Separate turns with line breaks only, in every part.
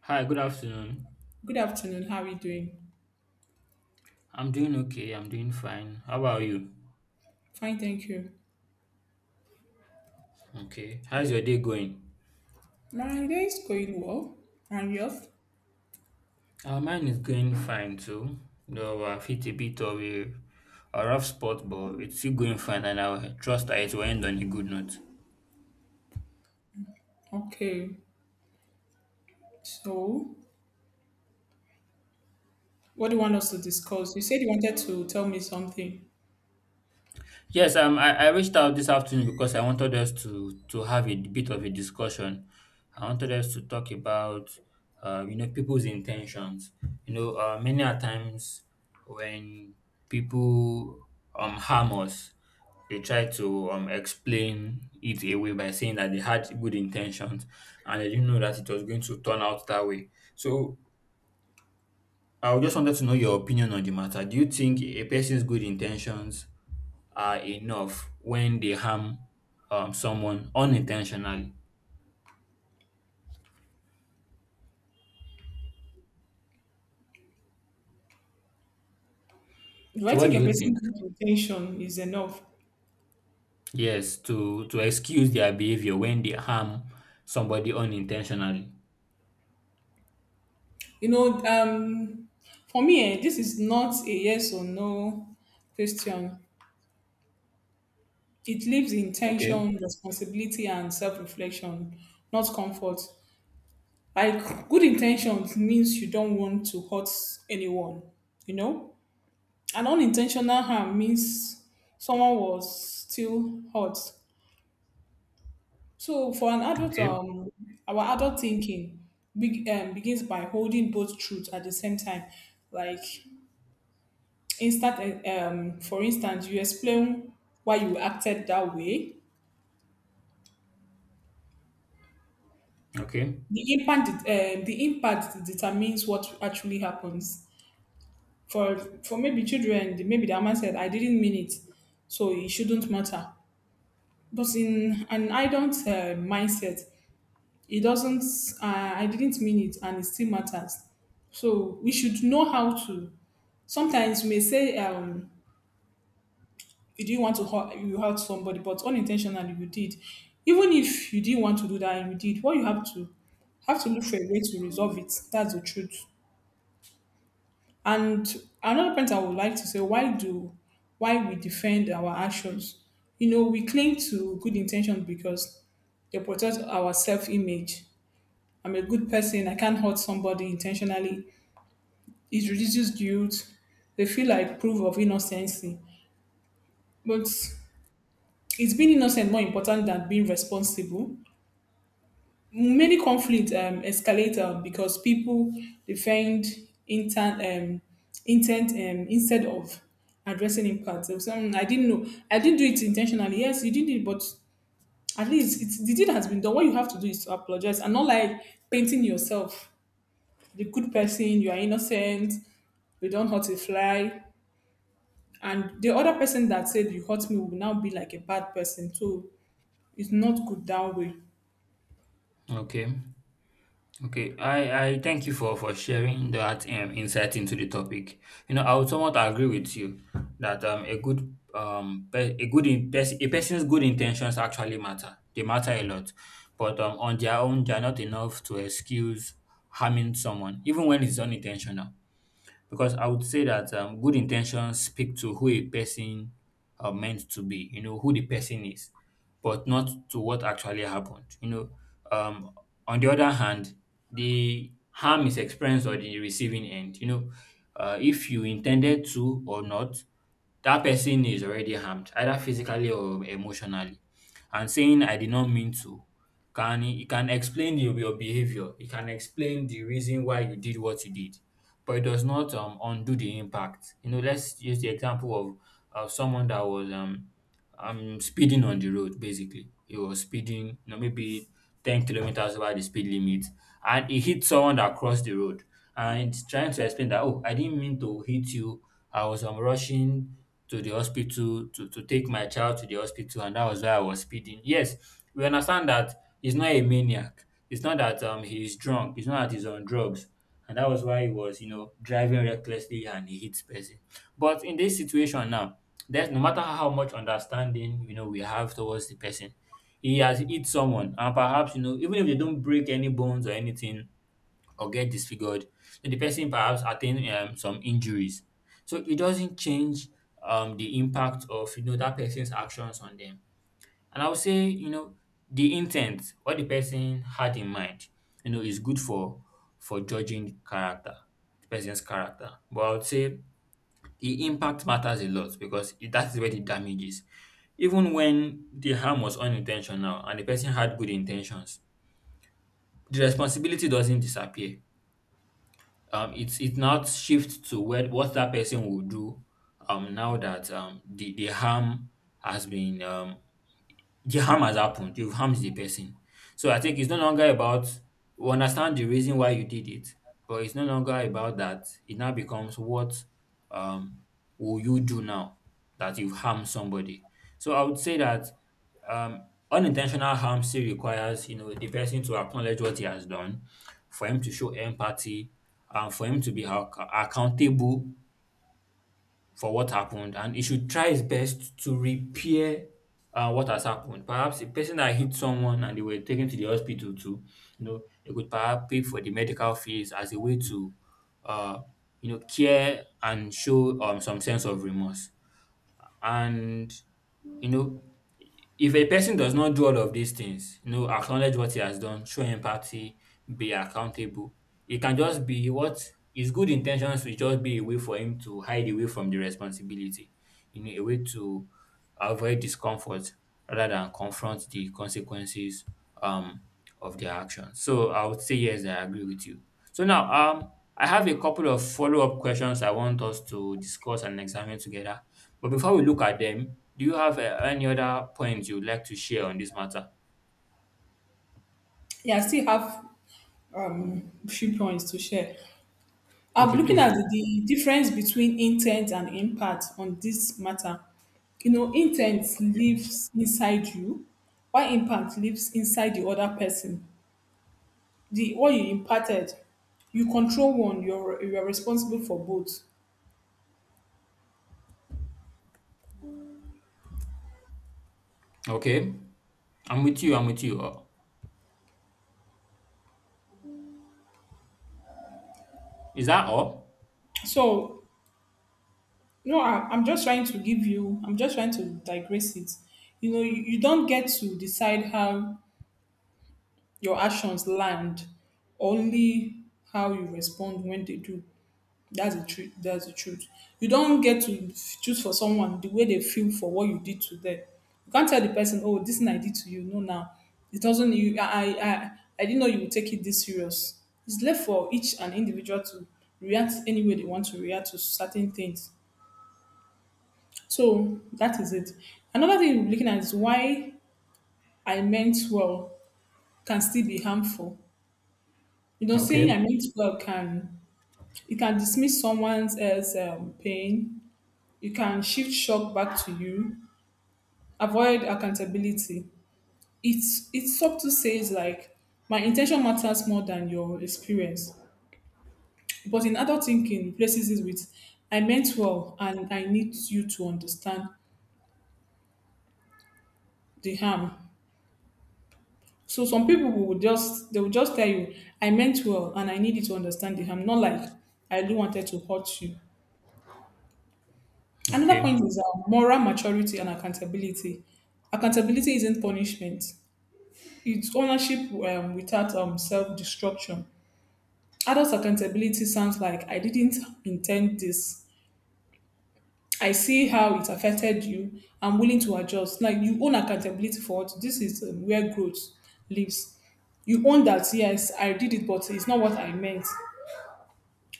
Hi, good afternoon.
Good afternoon. How are you doing?
I'm doing okay. I'm doing fine. How about you?
Fine, thank you.
Okay. How's your day going?
My day is going well. And yours?
Mine is going fine too. Though I've hit a bit of a rough spot, but it's still going fine, and I trust that it will end on a good note.
Okay. So, what do you want us to discuss? You said you wanted to tell me something.
Yes, I reached out this afternoon because I wanted us to have a bit of a discussion. I wanted us to talk about you know, people's intentions. You know, many a times when people harm us, they try to explain it away by saying that they had good intentions and they didn't know that it was going to turn out that way. So I just wanted to know your opinion on the matter. Do you think a person's good intentions are enough when they harm someone unintentionally.
Do I
So what
think
do
a
you think?
person's intention is enough?
Yes, to excuse their behavior when they harm somebody unintentionally.
You know, for me, this is not a yes or no question. It leaves
Okay,
intention, responsibility, and self-reflection, not comfort. Like good intentions means you don't want to hurt anyone, you know An unintentional harm means someone was still hurt. So for an adult,
okay,
our adult thinking be begins by holding both truths at the same time. Like, instant, for instance, you explain why you acted that way.
okay,
The impact determines what actually happens. For for maybe children, maybe the mama said, "I didn't mean it," so it shouldn't matter. But in an idle mindset, it doesn't I didn't mean it, and it still matters. So we should know how to. Sometimes you may say, you didn't want to hurt, you hurt somebody, but unintentionally you did. Even if you didn't want to do that and you did, what you have to look for a way to resolve it. That's the truth. And another point I would like to say, why we defend our actions. You know, we cling to good intentions because they protect our self-image. I'm a good person, I can't hurt somebody intentionally. It reduces guilt. They feel like proof of innocence. But it's being innocent more important than being responsible? Many conflicts escalate because people defend intent, um, intent instead of addressing impact. So, I didn't know. I didn't do it intentionally. Yes, you did it, but at least the deed has been done. What you have to do is to apologize, and not like painting yourself the good person, you are innocent, you don't hurt a fly. And the other person that said you hurt me will now be like a bad person. So it's not good that way.
okay. Okay. I thank you for sharing that insight into the topic. You know, I would somewhat agree with you that a good pe- a good in, pers- a person's good intentions actually matter. They matter a lot, but on their own, they are not enough to excuse harming someone, even when it's unintentional. Because I would say that good intentions speak to who a person are meant to be, you know, who the person is, but not to what actually happened. You know, um, on the other hand, the harm is experienced on the receiving end. You know, if you intended to or not, that person is already harmed, either physically or emotionally and saying I did not mean to can explain your behavior. It can explain the reason why you did what you did, but it does not undo the impact. You know, let's use the example of someone that was speeding on the road. Basically, he was speeding, you know, maybe 10 kilometers over the speed limit, and he hit someone that crossed the road. And it's trying to explain that, oh, I didn't mean to hit you. I was rushing to the hospital to take my child to the hospital and that was why I was speeding. Yes, we understand that he's not a maniac. It's not that he's drunk. It's not that he's on drugs. And that was why he was, you know, driving recklessly and he hits person. But in this situation now, there's no matter how much understanding, you know, we have towards the person, he has hit someone. And perhaps, you know, even if they don't break any bones or anything, or get disfigured. So the person perhaps attain some injuries. So it doesn't change the impact of you know that person's actions on them. And I would say you know the intent, what the person had in mind, you know, is good for judging character, the person's character. But I would say the impact matters a lot because that's where the damage is. Even when the harm was unintentional and the person had good intentions, the responsibility doesn't disappear it's Not shift to where what that person will do now that the harm has been the harm has happened. You've harmed the person. So I think it's no longer about we understand the reason why you did it, but it's no longer about that. It now becomes what um will you do now that you've harmed somebody? So I would say that um unintentional harm still requires you know the person to acknowledge what he has done, for him to show empathy, and for him to be accountable for what happened and he should try his best to repair what has happened. Perhaps a person that hit someone and they were taken to the hospital to, you know, they could perhaps pay for the medical fees as a way to, uh, you know, care and show some sense of remorse. And you know, if a person does not do all of these things, you know, acknowledge what he has done, show empathy, be accountable, it can just be what his good intentions will just be a way for him to hide away from the responsibility, you know, a way to avoid discomfort rather than confront the consequences um, of their actions. So I would say yes, I agree with you. So now, I have a couple of follow-up questions I want us to discuss and examine together but before we look at them, do you have any other points you'd like to share on this matter?
Yeah, I still have few points to share. I'm
Okay,
looking
please
at
do.
the difference between intent and impact on this matter. You know, intent lives inside you, while impact lives inside the other person. The what you imparted, you control one, you're responsible for both.
Okay. I'm with you. I'm with you. Is that all?
So No, I'm just trying to give you, I'm just trying to digress it. You know, you don't get to decide how your actions land, only how you respond when they do. That's the truth. That's the truth. You don't get to choose for someone the way they feel for what you did to them. You can't tell the person, "Oh, this thing I did to you." No, now it doesn't. You, I I didn't know you would take it this serious. It's left for each an individual to react any way they want to react to certain things. So that is it. Another thing you're looking at is why I meant well can still be harmful. You know, saying
Okay.
I meant well can dismiss someone's as pain. You can shift shock back to you. Avoid accountability. It's subtle says like my intention matters more than your experience. But in adult thinking, replaces it with I meant well and I need you to understand the harm. So some people will just tell you, I meant well and I need you to understand it. I'm not like I really wanted to hurt you. Another
Okay.
point is moral maturity and accountability. Accountability isn't punishment. It's ownership without self-destruction. Adult accountability sounds like I didn't intend this. I see how it affected you. I'm willing to adjust. Like you own accountability for it. This is where growth lives. You own that, yes, I did it, but it's not what I meant.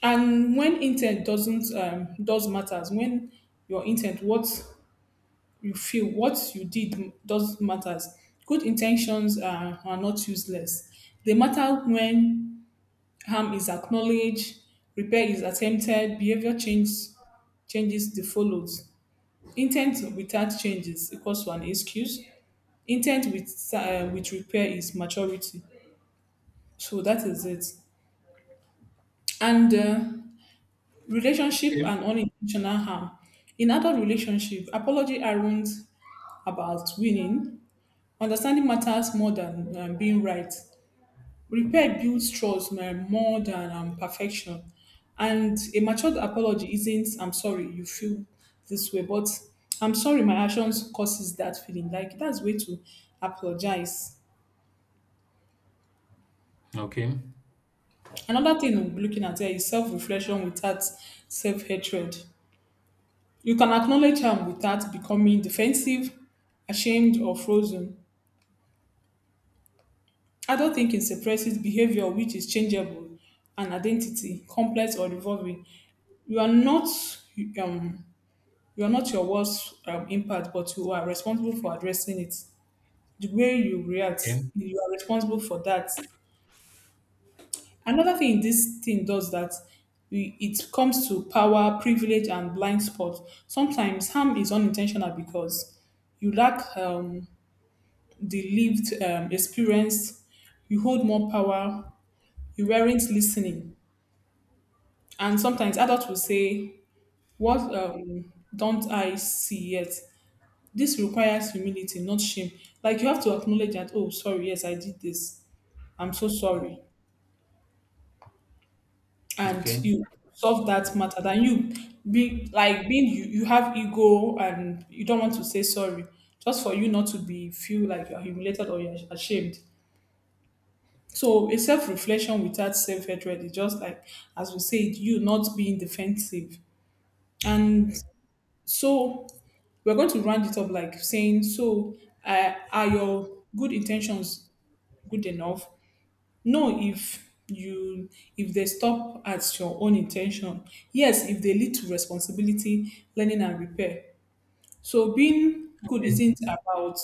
And when intent doesn't does matters, when your intent, what you feel, what you did does matters. Good intentions are not useless. They matter when harm is acknowledged, repair is attempted, behavior change changes the follows. Intent without changes equals to an excuse. Intent with repair is maturity. So that is it. And relationship
Okay.
and unintentional harm. In adult relationship, apology aren't about winning. Understanding matters more than being right. Repair builds trust more than perfection. And a matured apology isn't "I'm sorry you feel this way," but "I'm sorry my actions causes that feeling." Like that's way to apologize.
Okay.
Another thing we'll be looking at here is self-reflection without self-hatred. You can acknowledge harm without becoming defensive, ashamed, or frozen. Adult thinking suppresses behavior which is changeable and identity, complex or revolving. You are not um, you are not your worst impact, but you are responsible for addressing it. The way you react,
Okay.
you are responsible for that. Another thing this thing does that it comes to power, privilege, and blind spots. Sometimes harm is unintentional because you lack the lived experience, you hold more power, you weren't listening. And sometimes adults will say, what don't I see yet? This requires humility, not shame. Like you have to acknowledge that, oh, sorry, yes, I did this. I'm so sorry. And
Okay.
you solve that matter. Then you be like being you, you have ego and you don't want to say sorry, just for you not to be feel like you're humiliated or you're ashamed. So a self-reflection without self-hatred is just like, as we said, you not being defensive. And so we're going to round it up like saying, so are your good intentions good enough? No, if you if they stop at your own intention. Yes, if they lead to responsibility, learning and repair. So being good isn't about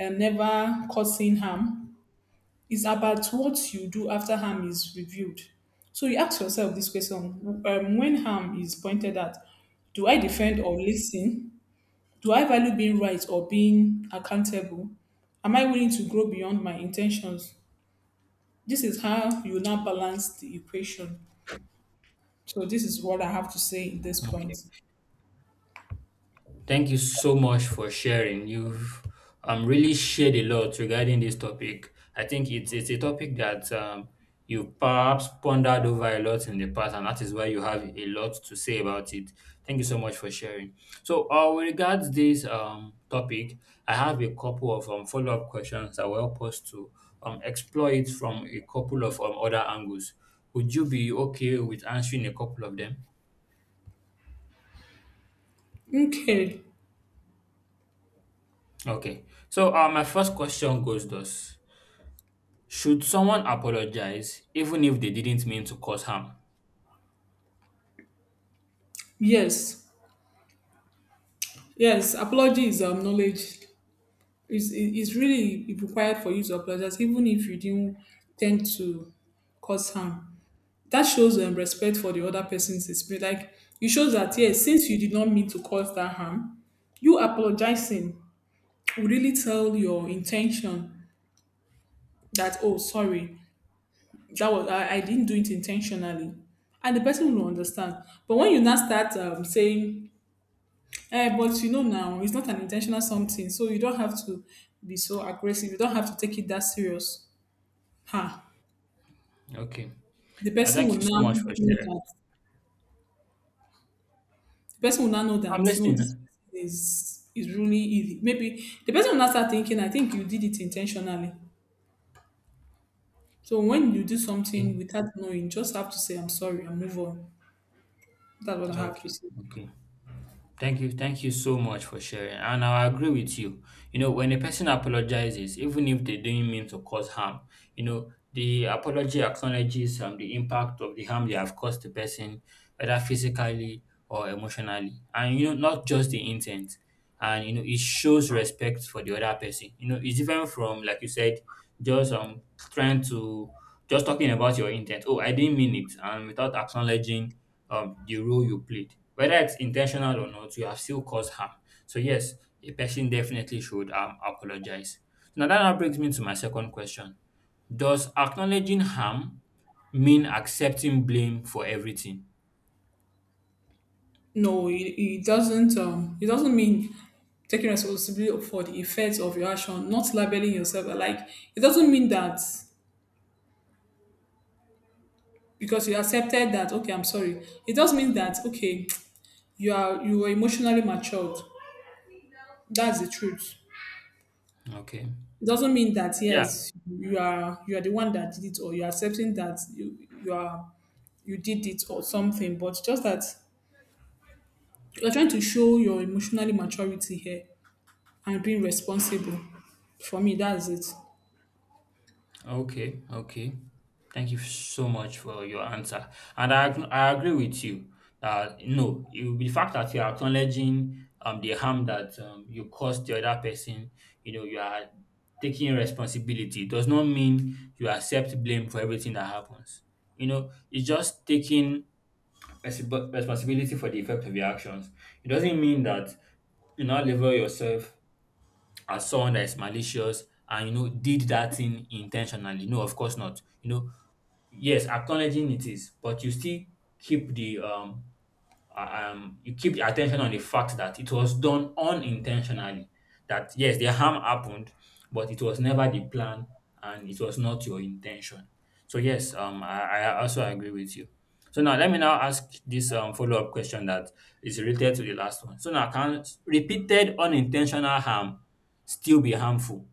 never causing harm. It's about what you do after harm is revealed. So you ask yourself this question, when harm is pointed at, do I defend or listen? Do I value being right or being accountable? Am I willing to grow beyond my intentions? This is how you now balance the equation. So this is what I have to say in this
Okay.
point.
Thank you so much for sharing. You've really shared a lot regarding this topic. I think it's a topic that you've perhaps pondered over a lot in the past, and that is why you have a lot to say about it. Thank you so much for sharing. So, with regards this topic, I have a couple of follow up questions that will help us to explore it from a couple of other angles. Would you be okay with answering a couple of them?
Okay.
Okay. So, my first question goes thus. Should someone apologize even if they didn't mean to cause harm?
Yes. Yes. Apology is knowledge, it's really required for you to apologize, even if you didn't tend to cause harm. That shows respect for the other person's experience. Like, it shows that, yes, since you did not mean to cause that harm, you apologizing will really tell your intention that, oh, sorry, that was I didn't do it intentionally. And the person will understand. But when you now start saying, but you know now, it's not an intentional something, so you don't have to be so aggressive. You don't have to take it that serious. Ha!
Okay.
The person
Thank
will
you
now
so much for
know
sharing.
that the person will now know
I'm
that no, this
listening.
person is really easy. Maybe the person will now start thinking, I think you did it intentionally. So when you do
Okay.
something without knowing, just have to say I'm sorry and move on. That's what I have to
Okay.
say.
Okay. Thank you. Thank you so much for sharing. And I agree with you. You know, when a person apologizes, even if they didn't mean to cause harm, you know, the apology acknowledges the impact of the harm they have caused the person, whether physically or emotionally. And, you know, not just the intent. And, you know, it shows respect for the other person. You know, it's different from, like you said, just trying just talking about your intent. Oh, I didn't mean it. And without acknowledging the role you played. Whether it's intentional or not, you have still caused harm. So, yes, a person definitely should apologize. So, now, that now brings me to my second question. Does acknowledging harm mean accepting blame for everything?
No, it doesn't mean taking responsibility for the effects of your action, not labeling yourself. Like it doesn't mean that because you accepted that okay, I'm sorry. It does mean that okay, you were emotionally matured. That's the truth.
Okay.
It doesn't mean that
Yeah.
yes, you are the one that did it, or you're accepting that you did it or something, but just that you're trying to show your emotionally maturity here and being responsible. For me, that's it.
Okay. Thank you so much for your answer. And I agree with you. No, you, the fact that you're acknowledging the harm that you caused the other person, you know, you are taking responsibility. It does not mean you accept blame for everything that happens. You know, it's just taking responsibility for the effect of your actions. It doesn't mean that you now level yourself as someone that is malicious and you know did that thing intentionally, no, of course not, you know, yes, acknowledging it is, but you still keep the you keep the attention on the fact that it was done unintentionally. That yes, the harm happened, but it was never the plan and it was not your intention. So yes, I also agree with you. So now let me now ask this follow-up question that is related to the last one. So now, can repeated unintentional harm still be harmful?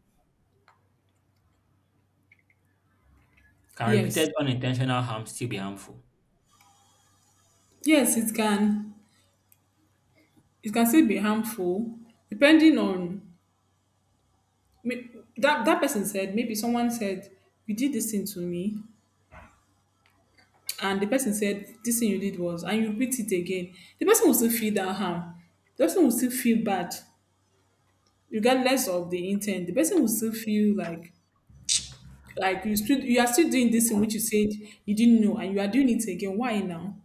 Can
Yes.
repeated unintentional harm still be harmful?
Yes, it can still be harmful depending on may- that person said, maybe someone said you did this thing to me, and the person said this thing you did was, and you repeat it again. The person will still feel that harm. The person will still feel bad regardless of the intent. The person will still feel like you are still doing this thing which you said you didn't know, and you are doing it again. Why now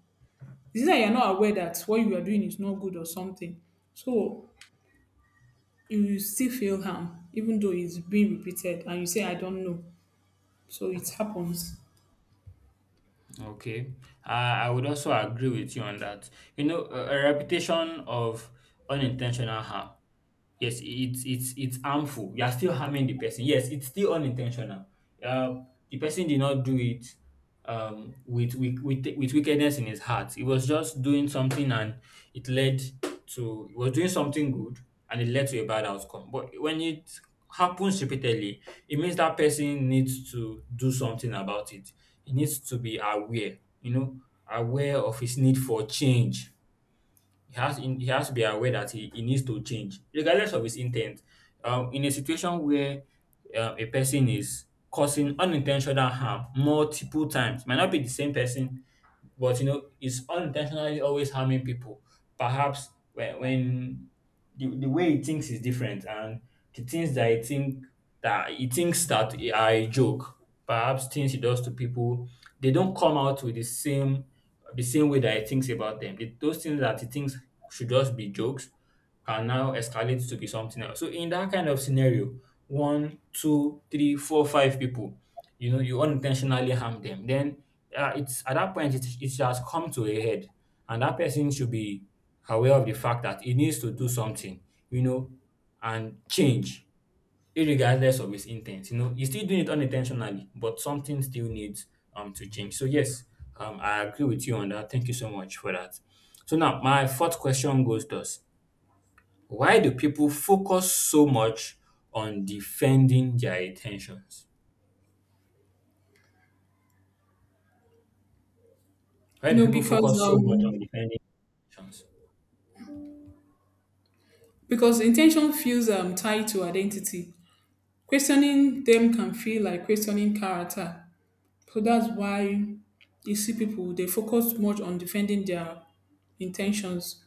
is it that you are not aware that what you are doing is not good or something? So you will still feel harm even though it's being repeated and you say I don't know. So it happens.
Okay, I would also agree with you on that. You know, a reputation of unintentional harm. Yes, it's harmful. You are still harming the person. Yes, it's still unintentional. Uh, the person did not do it with, with wickedness in his heart. He was just doing something, and it led to he was doing something good, and it led to a bad outcome. But when it happens repeatedly, it means that person needs to do something about it. He needs to be aware, you know, aware of his need for change he has to be aware that he needs to change, regardless of his intent. In a situation where a person is causing unintentional harm multiple times, might not be the same person, but you know it's unintentionally always harming people, perhaps when, when the way he thinks is different, and the things that he thinks that are a joke, perhaps things he does to people, they don't come out with the same, the same way that he thinks about them. Those things that he thinks should just be jokes can now escalate to be something else. So in that kind of scenario, one two three four five people, you know, you unintentionally harm them, then it's at that point it has come to a head, and that person should be aware of the fact that he needs to do something, you know, and change, irregardless of his intent. You know, he's still doing it unintentionally, but something still needs to change. So yes, I agree with you on that. Thank you so much for that. So now my fourth question goes thus: why do people focus so much on defending their intentions? Why
You
do
know,
people
because
focus so much on
um
defending emotions?
because intention feels tied to identity. Questioning them can feel like questioning character. So that's why you see people, they focus much on defending their intentions.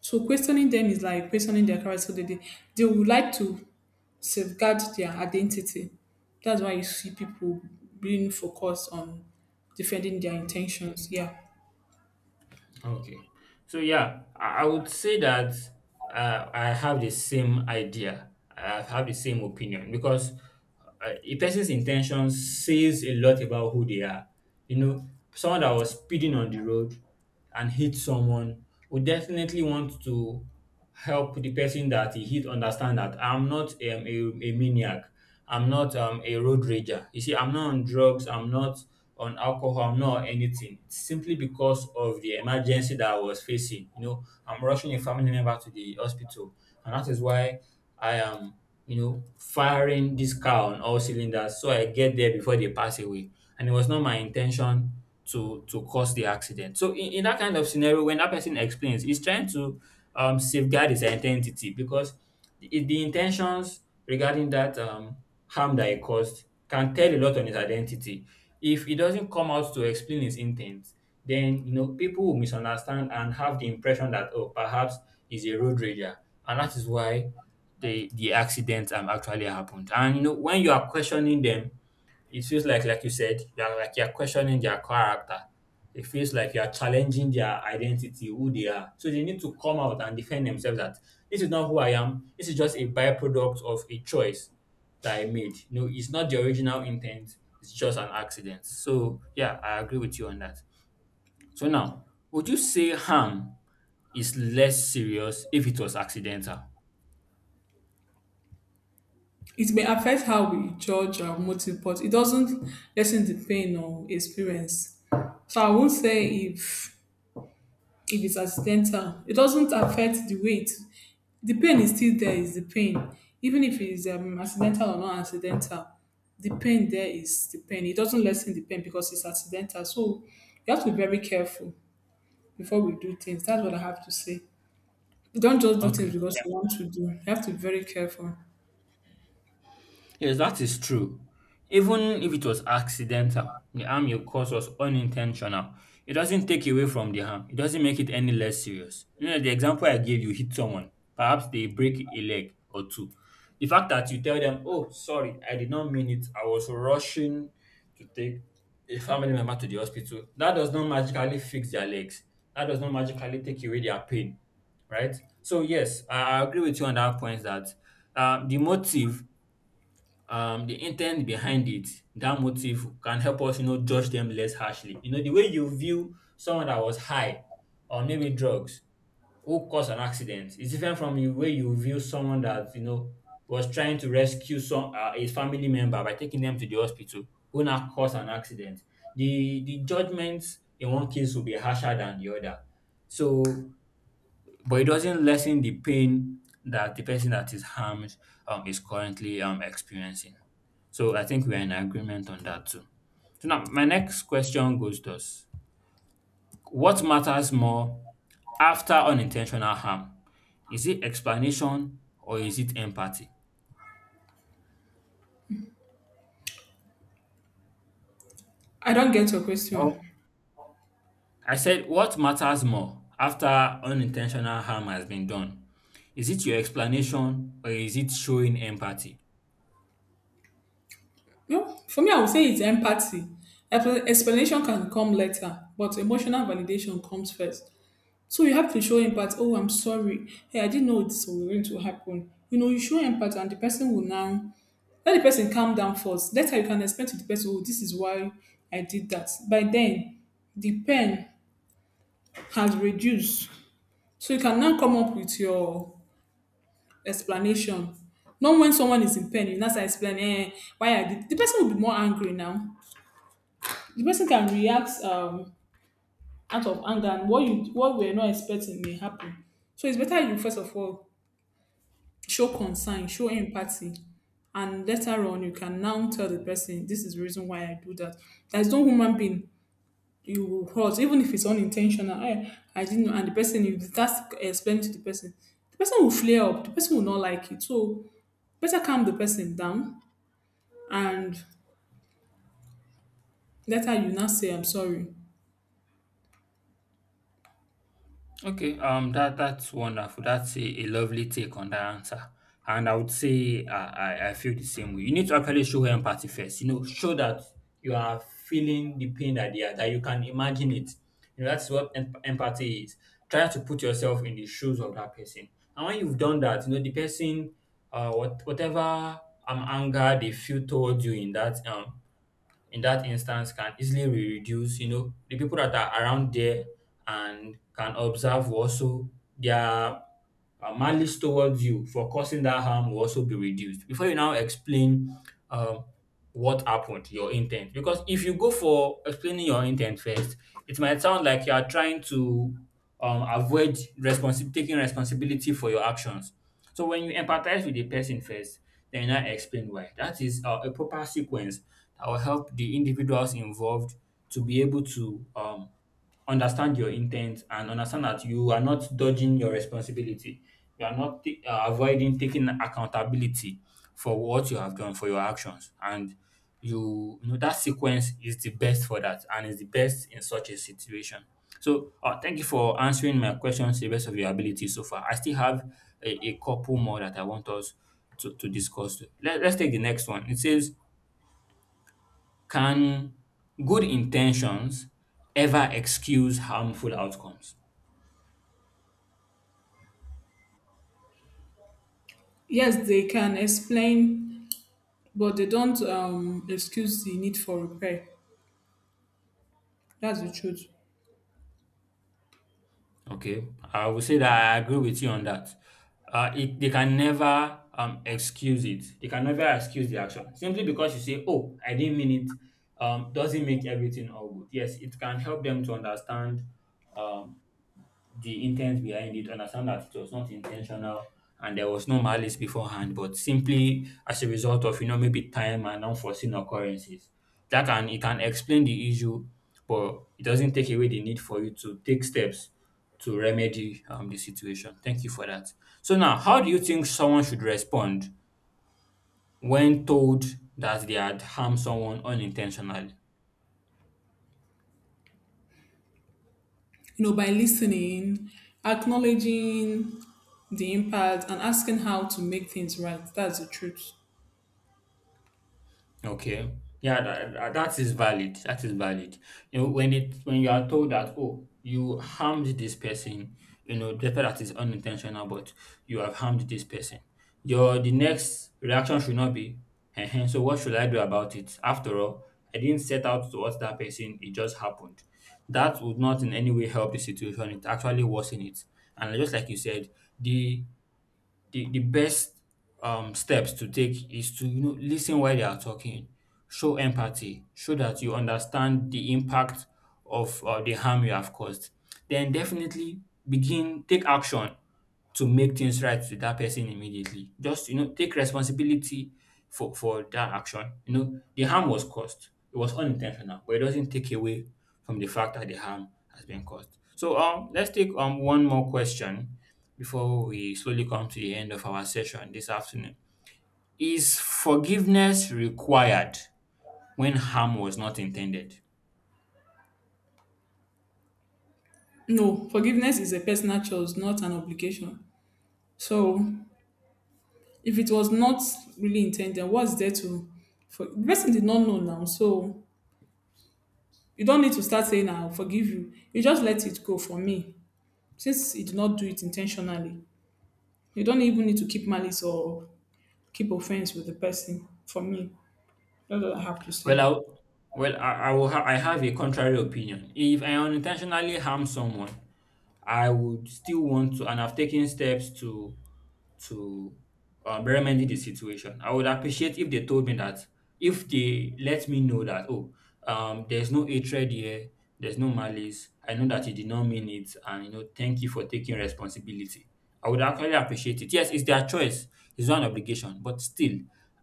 So questioning them is like questioning their character. So They would like to safeguard their identity. That's why you see people being focused on defending their intentions. Yeah.
Okay. So yeah, I would say that I have the same idea. I have the same opinion, because a person's intention says a lot about who they are. You know, someone that was speeding on the road and hit someone would definitely want to help the person that he hit understand that I'm not a maniac. I'm not a road rager. You see, I'm not on drugs. I'm not on alcohol. I'm not on anything. It's simply because of the emergency that I was facing. You know, I'm rushing a family member to the hospital. And that is why I am, you know, firing this car on all cylinders so I get there before they pass away. And it was not my intention to cause the accident. So in that kind of scenario, when that person explains, he's trying to safeguard his identity, because the intentions regarding that harm that he caused can tell a lot on his identity. If he doesn't come out to explain his intent, then you know people will misunderstand and have the impression that, oh, perhaps he's a road rager, and that is why the accident actually happened. And you know, when you are questioning them, it feels like you said, you are like you are questioning their character. It feels like you are challenging their identity, who they are. So they need to come out and defend themselves that this is not who I am. This is just a byproduct of a choice that I made. No, it's not the original intent. It's just an accident. So yeah, I agree with you on that. So now, would you say harm is less serious if it was accidental?
It may affect how we judge our motive, but it doesn't lessen the pain or experience. So I won't say if it's accidental, it doesn't affect the weight. The pain is still there, is the pain. Even if it's accidental or not accidental, the pain there is the pain. It doesn't lessen the pain because it's accidental. So you have to be very careful before we do things. That's what I have to say. Don't just do
Okay.
things because you want to do. You have to be very careful.
Yes, that is true. Even if it was accidental, the harm you caused was unintentional. It doesn't take away from the harm. It doesn't make it any less serious. You know, the example I gave, you hit someone. Perhaps they break a leg or two. The fact that you tell them, oh, sorry, I did not mean it, I was rushing to take a family member to the hospital, that does not magically fix their legs. That does not magically take away their pain. Right? So yes, I agree with you on that point that the motive, the intent behind it, that motive can help us, you know, judge them less harshly. You know, the way you view someone that was high or maybe drugs, who caused an accident, is different from the way you view someone that, you know, was trying to rescue some a family member by taking them to the hospital, who now caused an accident. The judgments in one case will be harsher than the other. So, but it doesn't lessen the pain that the person that is harmed is currently experiencing. So I think we're in agreement on that too. So now my next question goes thus: what matters more after unintentional harm? Is it explanation or is it empathy?
I don't get your question.
Well, I said, what matters more after unintentional harm has been done? Is it your explanation or is it showing empathy?
No, for me, I would say it's empathy. Explanation can come later, but emotional validation comes first. So you have to show empathy. Oh, I'm sorry. Hey, I didn't know this was going to happen. You know, you show empathy and the person will now let the person calm down first. Later you can explain to the person, oh, this is why I did that. By then, the pain has reduced. So you can now come up with your explanation. Not when someone is in pain, you now start explaining why I did. The person will be more angry now. The person can react out of anger, and what we're not expecting may happen. So it's better you first of all show concern, show empathy. And later on, you can now tell the person, this is the reason why I do that. There's no human being you will hurt, even if it's unintentional. I didn't know. And the person, if that's explained to the person will flare up. The person will not like it. So better calm the person down. And later you now say, I'm sorry.
Okay, that that's wonderful. That's a lovely take on that answer, and I would say I feel the same way. You need to actually show empathy first. You know, show that you are feeling the pain that they are, that you can imagine it. You know, that's what empathy is. Try to put yourself in the shoes of that person, and when you've done that, you know the person, whatever anger they feel towards you in that instance can easily be reduced. You know, the people that are around there and can observe will also their malice towards you for causing that harm will also be reduced. Before you now explain um, what happened, your intent, because if you go for explaining your intent first, it might sound like you are trying to taking responsibility for your actions. So when you empathize with the person first, then you now explain why. That is a proper sequence that will help the individuals involved to be able to understand your intent and understand that you are not dodging your responsibility. You are not avoiding taking accountability for what you have done, for your actions. And you know that sequence is the best for that, and is the best in such a situation. So, thank you for answering my questions to the best of your ability so far. I still have a couple more that I want us to discuss. Let's take the next one. It says, can good intentions ever excuse harmful outcomes?
Yes, they can explain, but they don't excuse the need for repair. That's the truth.
Okay, I will say that I agree with you on that. They can never excuse it. They can never excuse the action. Simply because you say, oh, I didn't mean it, doesn't make everything all good. Yes, it can help them to understand um, the intent behind it, understand that it was not intentional and there was no malice beforehand, but simply as a result of, you know, maybe time and unforeseen occurrences. That can, it can explain the issue, but it doesn't take away the need for you to take steps to remedy the situation. Thank you for that. So now, how do you think someone should respond when told that they had harmed someone unintentionally?
You know, by listening, acknowledging the impact, and asking how to make things right. That's the truth.
Okay. Yeah, that, that that is valid. That is valid. You know, when it, when you are told that, oh, you harmed this person, you know, despite that is unintentional, but you have harmed this person. Your the next reaction should not be, "Ehen, so what should I do about it? After all, I didn't set out to hurt that person, it just happened." That would not in any way help the situation, it actually worsen it. And just like you said, the the best steps to take is to, you know, listen while they are talking, show empathy, show that you understand the impact of the harm you have caused. Then definitely begin, take action to make things right with that person immediately. Just, you know, take responsibility for that action. You know the harm was caused. It was unintentional, but it doesn't take away from the fact that the harm has been caused. So let's take one more question before we slowly come to the end of our session this afternoon. Is forgiveness required when harm was not intended?
No, forgiveness is a personal choice, not an obligation. So, if it was not really intended, what's there to? For, the person did not know now, so you don't need to start saying, "I'll forgive you." You just let it go. For me, since he did not do it intentionally, you don't even need to keep malice or keep offense with the person. For me, that's all I have to
Well,
say.
I, well, I will. I have a contrary opinion. If I unintentionally harm someone, I would still want to, and I've taken steps to remedy the situation. I would appreciate if they told me that, if they let me know that, oh, there's no hatred here, there's no malice. I know that you did not mean it, and, you know, thank you for taking responsibility. I would actually appreciate it. Yes, it's their choice. It's not an obligation, but still,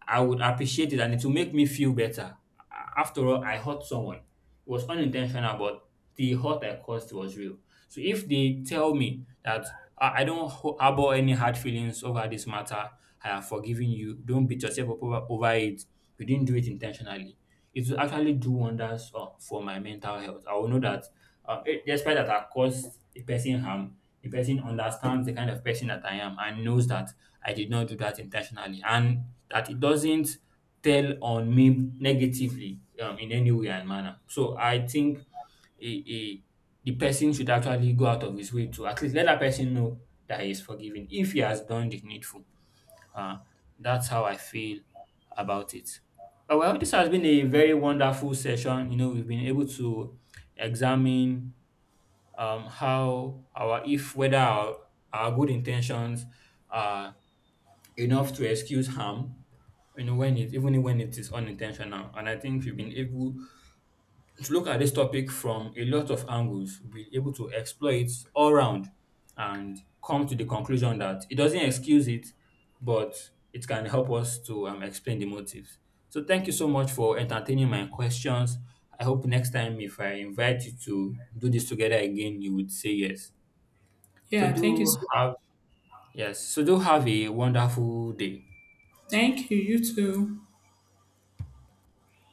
I would appreciate it, and it will make me feel better. After all, I hurt someone. It was unintentional, but the hurt I caused was real. So if they tell me that, "Ah, I don't harbor any hard feelings over this matter, I have forgiven you. Don't beat yourself up over, over it. You didn't do it intentionally," it will actually do wonders for my mental health. I will know that despite that I caused a person harm, the person understands the kind of person that I am and knows that I did not do that intentionally, and that it doesn't tell on me negatively in any way and manner. So I think a, a, the person should actually go out of his way to at least let that person know that he is forgiven if he has done the needful. Uh, that's how I feel about it. Well, this has been a very wonderful session. You know, we've been able to examine how our, if whether our good intentions are enough to excuse harm, you know, when it, even when it is unintentional. And I think we've been able to look at this topic from a lot of angles, we'll be able to explore it all round, and come to the conclusion that it doesn't excuse it, but it can help us to explain the motives. So thank you so much for entertaining my questions. I hope next time if I invite you to do this together again, you would say yes. So
Yeah, thank you
do have, yes, so do have a wonderful day.
Thank you. You too.